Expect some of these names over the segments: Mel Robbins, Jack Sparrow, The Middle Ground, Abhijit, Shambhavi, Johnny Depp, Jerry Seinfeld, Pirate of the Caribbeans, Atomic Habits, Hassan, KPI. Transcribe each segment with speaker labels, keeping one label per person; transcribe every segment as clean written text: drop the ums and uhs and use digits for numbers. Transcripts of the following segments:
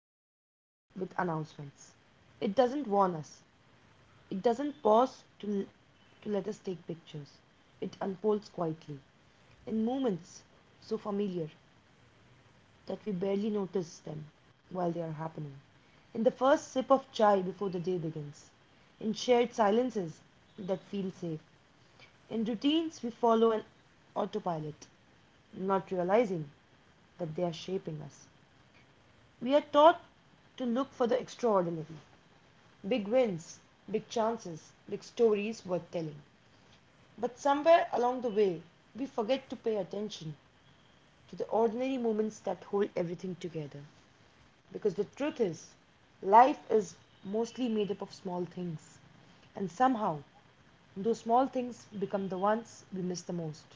Speaker 1: doesn't arrive with announcements. It doesn't warn us. It doesn't pause to let us take pictures. It unfolds quietly, in moments so familiar that we barely notice them while they are happening. In the first sip of chai before the day begins, in shared silences that feel safe, in routines we follow an autopilot, not realizing that they are shaping us. We are taught to look for the extraordinary, big wins, big chances, big stories worth telling. But somewhere along the way, we forget to pay attention to the ordinary moments that hold everything together. Because the truth is, life is mostly made up of small things. And somehow, those small things become the ones we miss the most.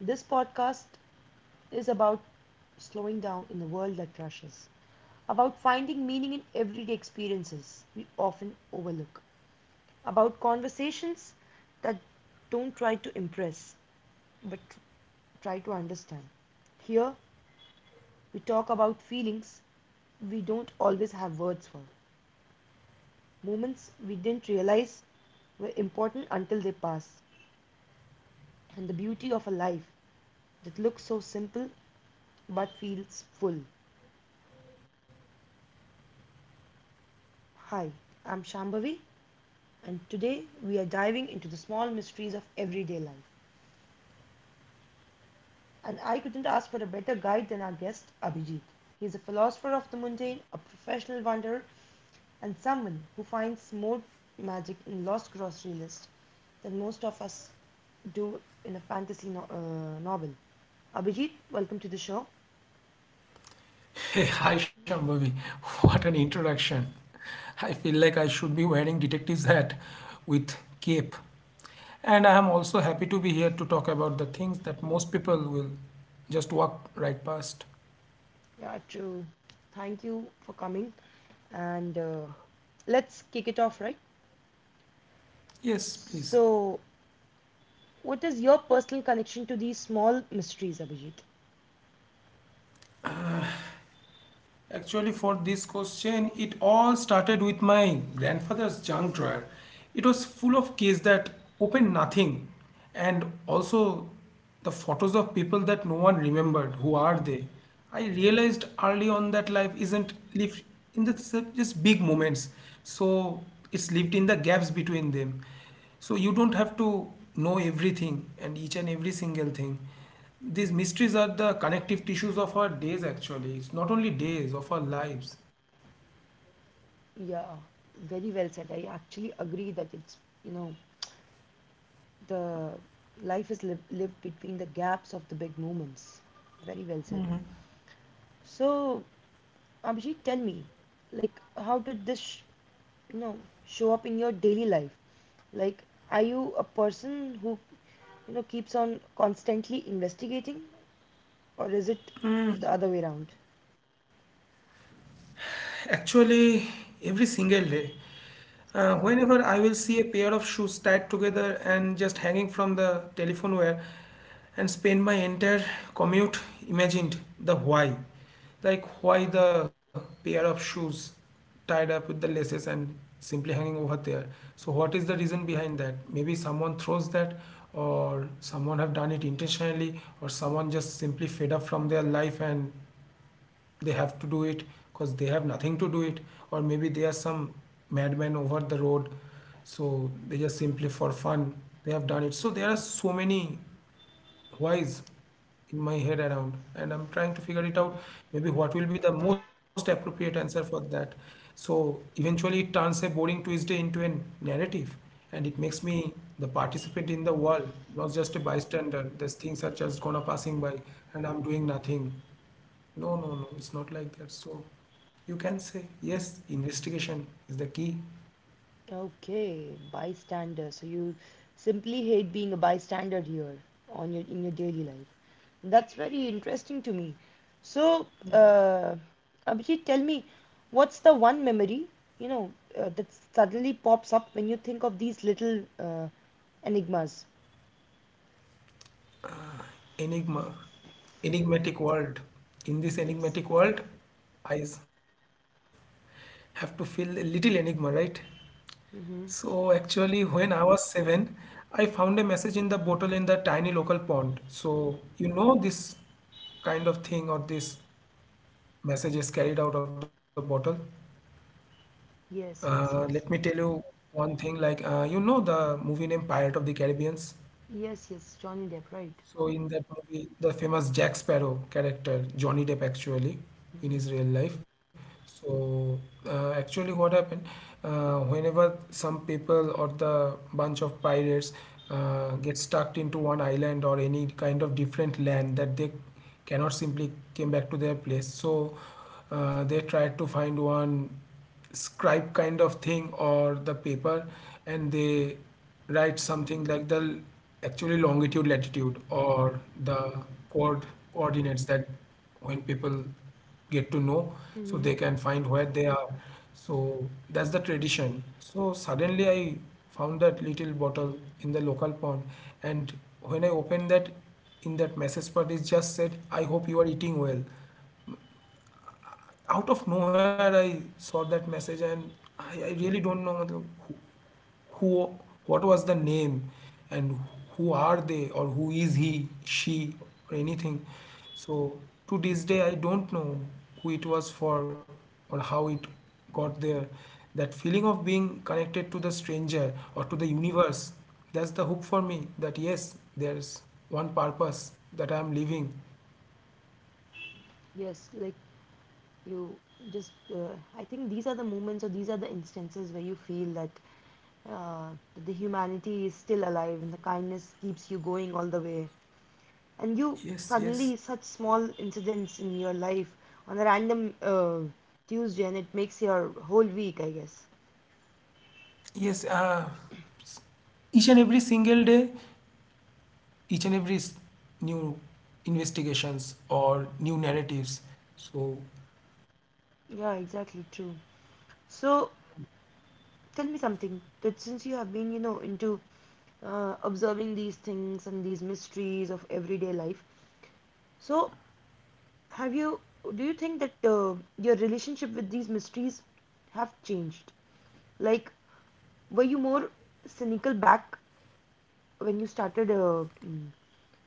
Speaker 1: This podcast is about slowing down in a world that rushes, about finding meaning in everyday experiences we often overlook, about conversations that don't try to impress but try to understand. Here, we talk about feelings we don't always have words for, moments we didn't realize were important until they pass, and the beauty of a life that looks so simple but feels full. Hi, I'm Shambhavi, and today we are diving into the small mysteries of everyday life. And I couldn't ask for a better guide than our guest, Abhijit. He is a philosopher of the mundane, a professional wanderer, and someone who finds more magic in lost grocery list than most of us do in a fantasy novel. Abhijit, welcome to the show.
Speaker 2: Hey, hi Shambhavi. What an introduction. I feel like I should be wearing detective's hat with cape. And I am also happy to be here to talk about the things that most people will just walk right past.
Speaker 1: Yeah, true. Thank you for coming. And let's kick it off, right?
Speaker 2: Yes, please.
Speaker 1: So, what is your personal connection to these small mysteries, Abhijit?
Speaker 2: Actually, for this question, it all started with my grandfather's junk drawer. It was full of cases that opened nothing, and also the photos of people that no one remembered. Who are they? I realized early on that life isn't lived in just big moments, so it's lived in the gaps between them. So you don't have to know everything and each and every single thing. These mysteries are the connective tissues of our days, actually. It's not only days, of our lives.
Speaker 1: Yeah, very well said. I actually agree that it's, you know, the life is lived between the gaps of the big moments. Very well said. So, Abhijit, tell me, like, how did this, you know, show up in your daily life? Like, are you a person who keeps on constantly investigating, or is it the other way around?
Speaker 2: Actually, every single day. Whenever I will see a pair of shoes tied together and just hanging from the telephone wire and spend my entire commute imagined the why. Like why the pair of shoes tied up with the laces and simply hanging over there. So what is the reason behind that? Maybe someone throws that, or someone have done it intentionally, or someone just simply fed up from their life and they have to do it because they have nothing to do it, or maybe they are some madman over the road, so they just simply for fun they have done it. So there are so many whys in my head around, and I'm trying to figure it out, maybe what will be the most appropriate answer for that. So eventually it turns a boring Tuesday into a narrative, and it makes me the participant in the world, not just a bystander. These things are just gonna passing by and I'm doing nothing. No, no, no, it's not like that. So you can say, yes, investigation is the key.
Speaker 1: Okay, bystander. So you simply hate being a bystander here on your in your daily life. That's very interesting to me. So, Abhijit, tell me, what's the one memory, that suddenly pops up when you think of these little enigmas?
Speaker 2: Enigma, enigmatic world. In this
Speaker 1: Yes.
Speaker 2: enigmatic world, I have to feel a little enigma, right? So
Speaker 1: Mm-hmm.
Speaker 2: actually, when I was seven, I found a message in the bottle in the tiny local pond. So you know this kind of thing, or this message is carried out of the bottle.
Speaker 1: Yes, yes,
Speaker 2: Let me
Speaker 1: yes.
Speaker 2: tell you one thing, like, you know the movie name Pirate of the Caribbeans.
Speaker 1: Yes, yes, Johnny Depp, right?
Speaker 2: So in that movie, the famous Jack Sparrow character, Johnny Depp actually, in
Speaker 1: Mm-hmm.
Speaker 2: his real life. So actually what happened, whenever some people or the bunch of pirates get stuck into one island or any kind of different land, that they cannot simply came back to their place. So they tried to find one scribe kind of thing or the paper, and they write something like the actually longitude latitude or the coord coordinates, that when people get to know, so
Speaker 1: Hmm.
Speaker 2: they can find where they are. So that's the tradition. So suddenly I found that little bottle in the local pond, and when I opened that, in that message part it just said, "I hope you are eating well." Out of nowhere I saw that message, and I really don't know matlab, who, what was the name, and who are they, or who is he she, or anything. So to this day I don't know who it was for, or how it got there. That feeling of being connected to the stranger or to the universe, that's the hook for me, that yes, there's one purpose that I am living.
Speaker 1: Yes, like you just, uh, I think these are the moments or these are the instances where you feel that uh, the humanity is still alive and the kindness keeps you going all the way. And you
Speaker 2: Yes,
Speaker 1: suddenly
Speaker 2: yes,
Speaker 1: such small incidents in your life on a random Tuesday, and it makes your whole week, I guess.
Speaker 2: yes, each and every single day, each and every s- new investigations or new narratives. So
Speaker 1: Yeah, exactly true. So tell me something that since you have been, you know, into observing these things and these mysteries of everyday life, so have you, do you think that your relationship with these mysteries have changed? Like, were you more cynical back when you started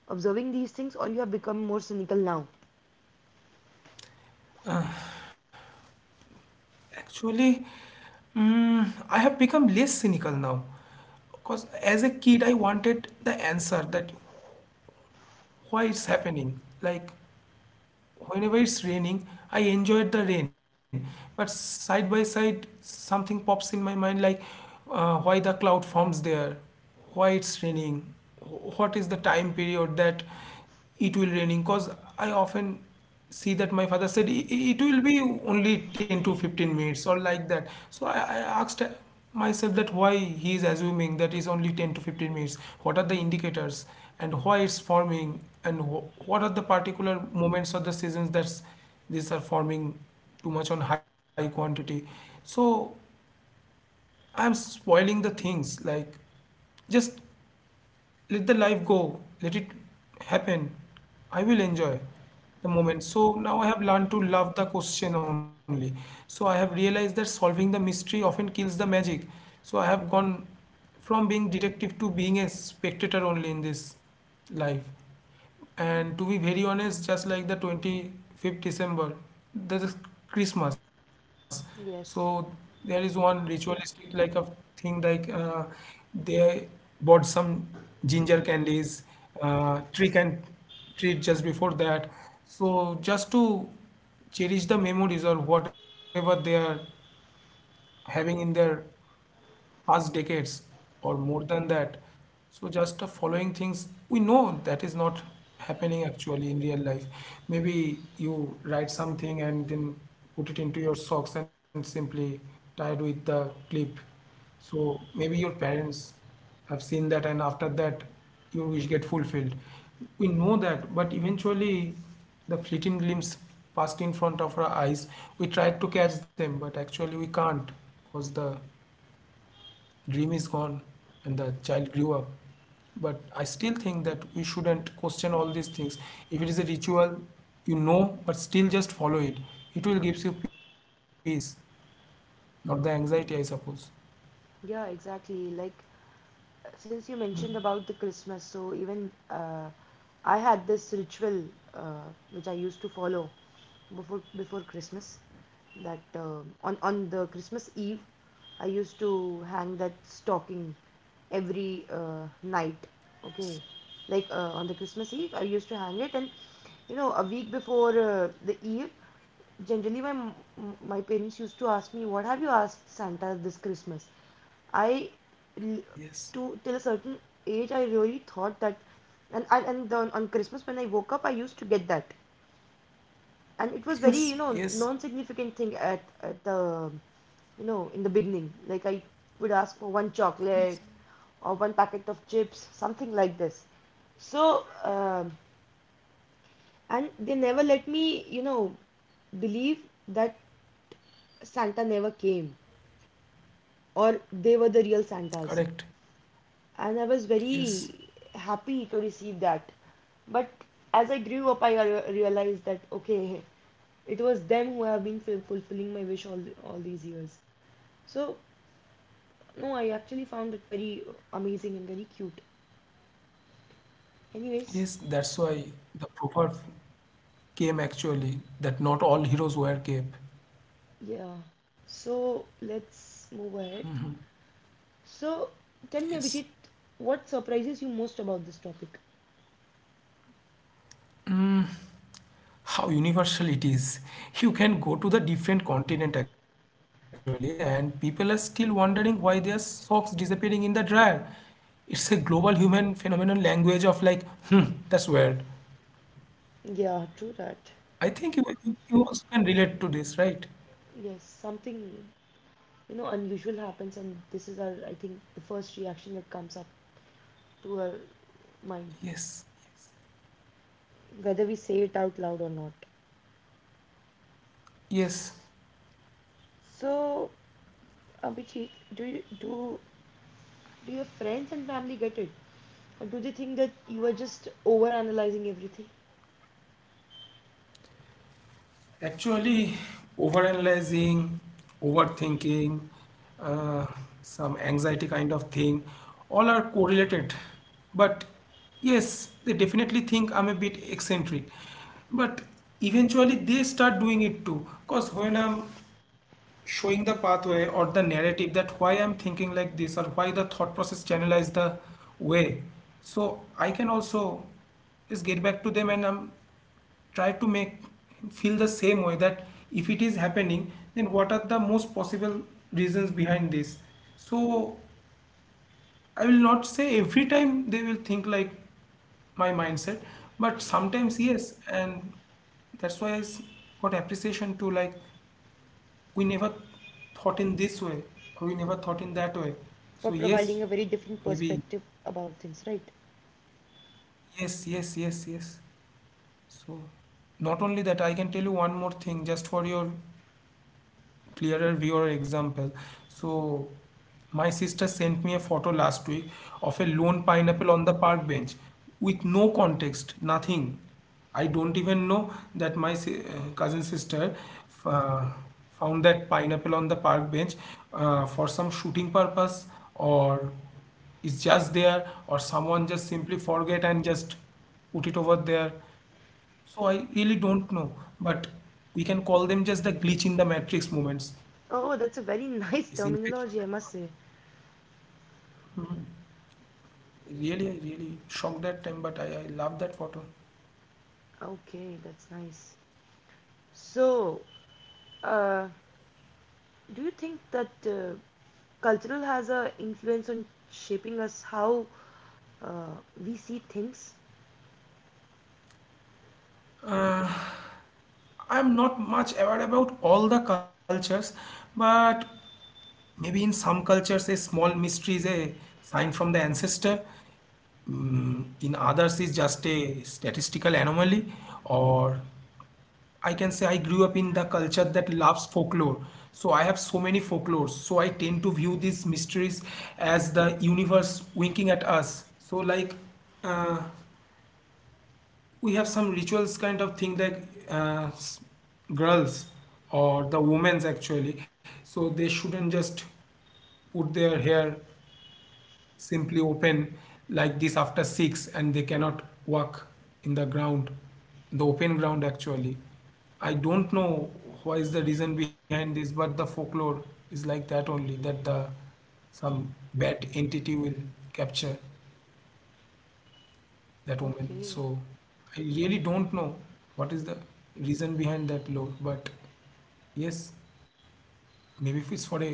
Speaker 1: observing these things or you have become more cynical now?
Speaker 2: actually, mm, I have become less cynical now. Because as a kid, I wanted the answer that why it's happening. Like whenever it's raining I enjoyed the rain, but side by side something pops in my mind, like why the cloud forms there, why it's raining, what is the time period that it will raining. Because I often see that my father said, It will be only 10 to 15 minutes," or like that. So I asked myself that why he is assuming that is only 10 to 15 minutes, what are the indicators, and why it's forming, and what are the particular moments of the seasons that these are forming too much on high quantity. So I'm spoiling the things, like just let the life go, let it happen. I will enjoy the moment. So now I have learned to love the question only. So I have realized that solving the mystery often kills the magic. So I have gone from being detective to being a spectator only in this life. And to be very honest, just like the 25th of December, there's Christmas. So
Speaker 1: Yes.
Speaker 2: there is one ritualistic like of thing, like, they bought some ginger candies, trick and treat just before that. So just to cherish the memories or whatever they are having in their past decades or more than that. So just following things we know that is not happening actually in real life. Maybe you write something and then put it into your socks and simply tie it with the clip. So maybe your parents have seen that, and after that your wish get fulfilled. We know that, but eventually the fleeting glimpse passed in front of our eyes. We tried to catch them, but actually we can't because the dream is gone and the child grew up. But I still think that we shouldn't question all these things. If it is a ritual, you know, but still just follow it. It will gives you peace, not the anxiety, I suppose.
Speaker 1: Yeah, exactly. Like since you mentioned about the Christmas, so even I had this ritual uh, which I used to follow before Christmas. That on the Christmas Eve, I used to hang that stocking every night. Okay, like on the Christmas Eve, I used to hang it, and you know, a week before the Eve, generally my parents used to ask me, "What have you asked Santa this Christmas?" I
Speaker 2: Yes,
Speaker 1: to Till a certain age, I really thought that, and on Christmas when I woke up, I used to get that, and it was very
Speaker 2: yes,
Speaker 1: you know
Speaker 2: yes.
Speaker 1: non-significant thing at the you know in the beginning. Like I would ask for one
Speaker 2: Yes.
Speaker 1: chocolate or one packet of chips, something like this. So um, and they never let me you know believe that Santa never came, or they were the real
Speaker 2: Correct.
Speaker 1: Santas, and I was
Speaker 2: Yes.
Speaker 1: very happy to receive that. But as I grew up, I realized that okay, it was them who have been fulfilling my wish all these years. So no, I actually found it very amazing and very cute. Anyways,
Speaker 2: Yes, that's why the proverb came actually, that not all heroes wear cape.
Speaker 1: yeah. So let's move ahead. So tell
Speaker 2: Yes.
Speaker 1: me, Abhijit, what surprises you most about this topic?
Speaker 2: How universal it is. You can go to the different continent actually, and people are still wondering why their socks disappearing in the dryer. It's a global human phenomenon, language of like, hmm, that's weird.
Speaker 1: Yeah, true that.
Speaker 2: I think you, you also can relate to this, right?
Speaker 1: Yes, something you know unusual happens, and this is our I think the first reaction that comes up to our mind,
Speaker 2: Yes,
Speaker 1: whether we say it out loud or not.
Speaker 2: yes.
Speaker 1: So Abhijit, do your friends and family get it, or do they think that you are just overanalyzing everything
Speaker 2: Actually, overanalyzing, overthinking, uh, some anxiety kind of thing, all are correlated. But yes, they definitely think I'm a bit eccentric. But eventually, they start doing it too. Because when I'm showing the pathway or the narrative that why I'm thinking like this, or why the thought process channelized the way, so I can also just get back to them, and I'm try to make feel the same way, that if it is happening, then what are the most possible reasons behind this. So I will not say every time they will think like my mindset, but sometimes yes. And that's why got appreciation to, like, we never thought in this way, or we never thought in that way.
Speaker 1: for
Speaker 2: So
Speaker 1: providing
Speaker 2: yes,
Speaker 1: a very different
Speaker 2: maybe.
Speaker 1: perspective about things, right?
Speaker 2: Yes, yes, yes, yes. So not only that, I can tell you one more thing just for your clearer view or example. So my sister sent me a photo last week of a lone pineapple on the park bench with no context, nothing. I don't even know that cousin sister uh, found that pineapple on the park bench, for some shooting purpose, or is just there, or someone just simply forget and just put it over there. So I really don't know, but we can call them just the glitch in the matrix moments.
Speaker 1: Oh, that's a very nice
Speaker 2: It's infectious
Speaker 1: terminology I must
Speaker 2: actually.
Speaker 1: say.
Speaker 2: Really, really shocked that time, but I love that photo.
Speaker 1: Okay, that's nice. So uh, do you think that cultural has a influence on shaping us how uh, we see things?
Speaker 2: I'm not much aware about all the cultures, but maybe in some cultures a small mystery is a sign from the ancestor. Mm, in others is just a statistical anomaly, or I can say I grew up in the culture that loves folklore. So I have so many folklores. So I tend to view these mysteries as the universe winking at us. So like uh, we have some rituals kind of thing, like, uh, s- girls or the women's actually, so they shouldn't just put their hair simply open like this after six, and they cannot walk in the ground, the open ground actually. I don't know what is the reason behind this, but the folklore is like that only, that the some bad entity will capture that woman.
Speaker 1: Okay.
Speaker 2: So I really don't know what is the reason behind that law, but yes, maybe if it's for a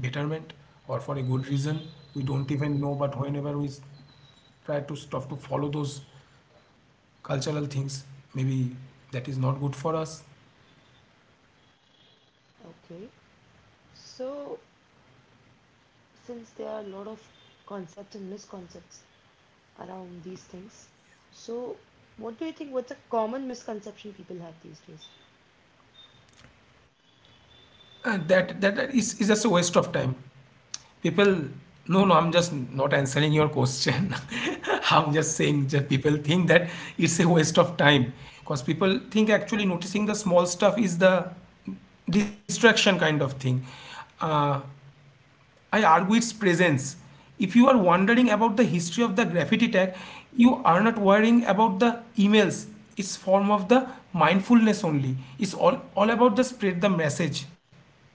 Speaker 2: betterment or for a good reason, we don't even know. But whenever try to stop to follow those cultural things, maybe that is not good for us.
Speaker 1: Okay. So, since there are a lot of concepts and misconceptions around these things, so what do you think? What's a common misconception people have these days?
Speaker 2: And is just a waste of time. People, no, no, I'm just not answering your question. I'm just saying that people think that it's a waste of time, because people think actually noticing the small stuff is the distraction kind of thing. Uh, I argue its presence. If you are wondering about the history of the graffiti tag, you are not worrying about the emails. It's form of the mindfulness only. It's all, about the spread the message,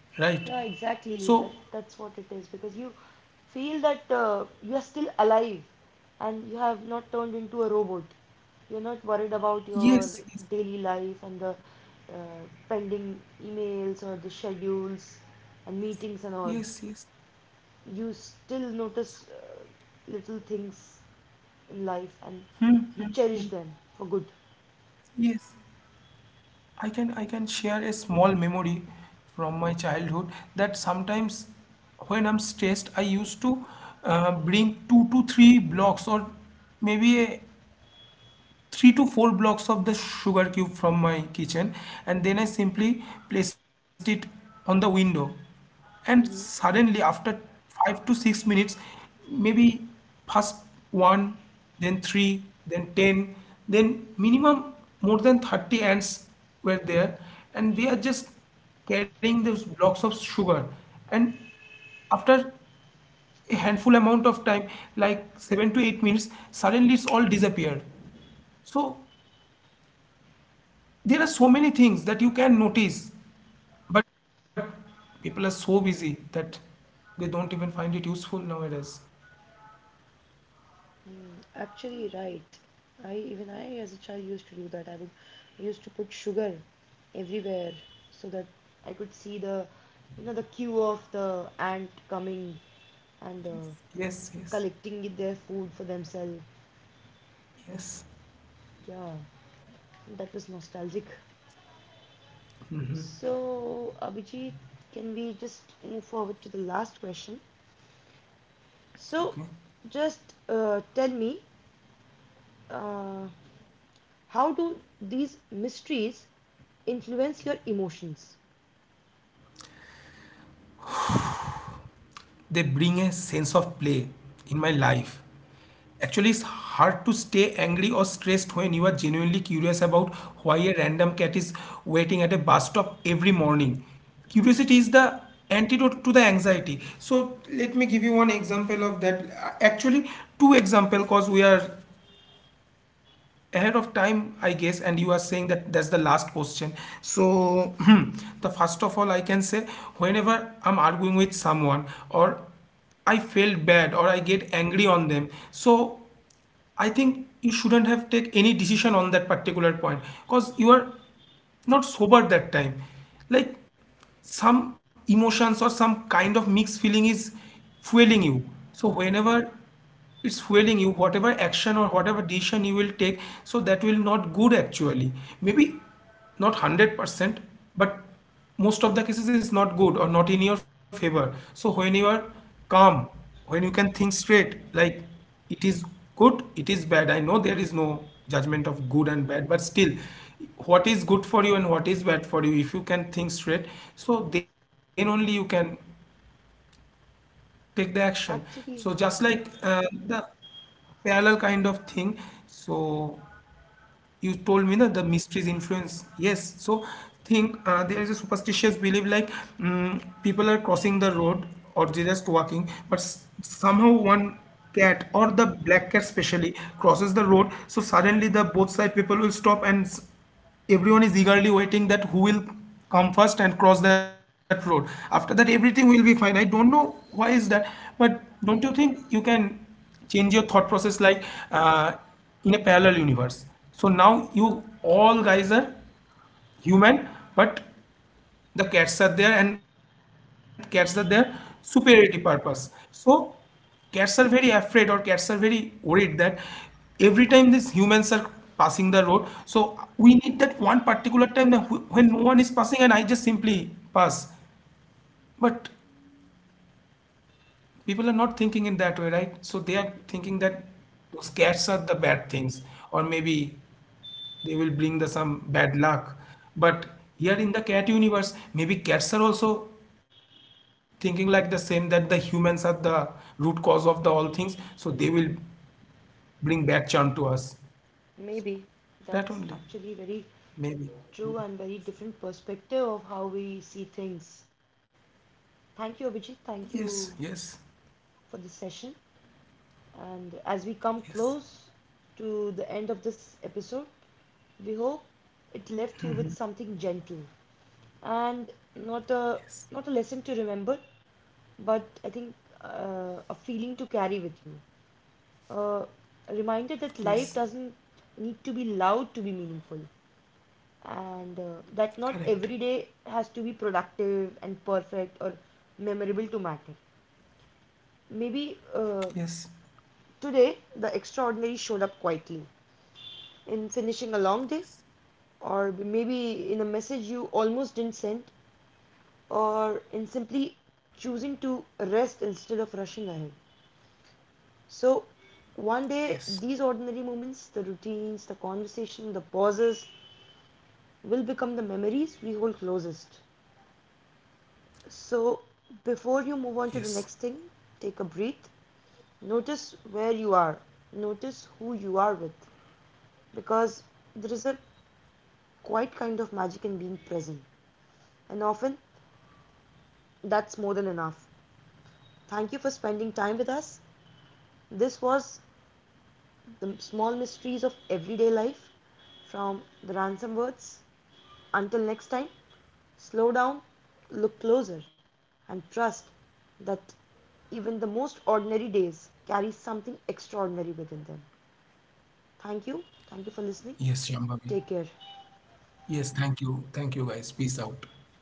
Speaker 2: right?
Speaker 1: Yeah, exactly.
Speaker 2: So
Speaker 1: That that's what it is because you feel that you are still alive and you have not turned into a robot. You're not worried about your
Speaker 2: yes, yes.
Speaker 1: daily life and the uh, pending emails or the schedules and meetings and all.
Speaker 2: Yes, yes,
Speaker 1: You still notice little things in life and you cherish them for good.
Speaker 2: yes. I can share a small memory from my childhood that sometimes when I'm stressed, I used to bring two to three blocks, or maybe a three to four blocks of the sugar cube from my kitchen, and then I simply placed it on the window. And
Speaker 1: Mm-hmm.
Speaker 2: suddenly after 5 to 6 minutes, maybe first one, then three, then ten, then minimum more than 30 ants were there, and they are just carrying those blocks of sugar. And after a handful amount of time, like 7 to 8 minutes, suddenly it's all disappeared. So there are so many things that you can notice, but people are so busy that they don't even find it useful nowadays.
Speaker 1: Mm, actually, right. I even I as a child used to do that. I used to put sugar everywhere so that I could see the you know the queue of the ant coming
Speaker 2: Yes,
Speaker 1: and
Speaker 2: yes, yes,
Speaker 1: collecting their food for themselves.
Speaker 2: yes.
Speaker 1: Yeah, that was nostalgic. So Abhijit, can we just move forward to the last question?
Speaker 2: Okay.
Speaker 1: So, just tell me, uh, how do these mysteries influence your emotions?
Speaker 2: They bring a sense of play in my life. Actually, it's hard to stay angry or stressed when you are genuinely curious about why a random cat is waiting at a bus stop every morning. Curiosity is the antidote to the anxiety. So let me give you one example of that. Actually, two example, because we are ahead of time, I guess, and you are saying that that's the last question. So the first of all, I can say whenever I'm arguing with someone, or I feel bad, or I get angry on them. So I think you shouldn't have take any decision on that particular point, because you are not sober that time. Like, some emotions or some kind of mixed feeling is fueling you. So whenever it's fueling you, whatever action or whatever decision you will take, so that will not good, actually. Maybe not 100%, but most of the cases is not good or not in your favor. So when you are calm, when you can think straight, like, it is good, it is bad. I know there is no judgment of good and bad, but still, what is good for you and what is bad for you, if you can think straight, so then only you can take the action. So
Speaker 1: Actually,
Speaker 2: just like the parallel kind of thing. So you told me that the mysteries influence. Yes. So think there is a superstitious belief, like, people are crossing the road, or they're just walking, but somehow one cat, or the black cat especially, crosses the road. So suddenly the both side people will stop, and everyone is eagerly waiting that who will come first and cross that road, after that everything will be fine. I don't know why is that, but don't you think you can change your thought process, like, uh, in a parallel universe. So now you all guys are human, but the cats are there, and cats are there superiority purpose. So cats are very afraid, or cats are very worried that every time these humans are passing the road, so we need that one particular time that when no one is passing and I just simply pass. But people are not thinking in that way, right? So they are thinking that those cats are the bad things, or maybe they will bring the some bad luck. But here in the cat universe, maybe cats are also thinking like the same that the humans are the root cause of the all things, so they will bring back charm to us.
Speaker 1: maybe that's
Speaker 2: That only,
Speaker 1: actually very
Speaker 2: maybe.
Speaker 1: true and very different perspective of how we see things. Thank you, Abhijit. Thank
Speaker 2: Yes,
Speaker 1: you
Speaker 2: yes,
Speaker 1: for this session. And as we come
Speaker 2: yes,
Speaker 1: close to the end of this episode, we hope it left you with something gentle and not a
Speaker 2: yes,
Speaker 1: lesson to remember, but I think a feeling to carry with you. Uh, a reminder that life
Speaker 2: yes.
Speaker 1: doesn't need to be loud to be meaningful, and that not every
Speaker 2: Correct.
Speaker 1: day has to be productive and perfect or memorable to matter. Maybe
Speaker 2: Yes,
Speaker 1: today the extraordinary showed up quietly in finishing a long day,
Speaker 2: yes,
Speaker 1: or maybe in a message you almost didn't send, or in simply choosing to rest instead of rushing ahead. So one day,
Speaker 2: yes,
Speaker 1: these ordinary moments, the routines, the conversation, the pauses, will become the memories we hold closest. So before you
Speaker 2: yes,
Speaker 1: move on to the next thing, take a breath. Notice where you are. Notice who you are with. Because there is a quite kind of magic in being present. And often, that's more than enough. Thank you for spending time with us. This was the small mysteries of everyday life from the ransom words. Until next time, slow down, look closer, and trust that even the most ordinary days carry something extraordinary within them. Thank you. Thank you for listening.
Speaker 2: yes,
Speaker 1: Take
Speaker 2: Shambhavi.
Speaker 1: care.
Speaker 2: Yes, thank you. Thank you, guys. Peace out.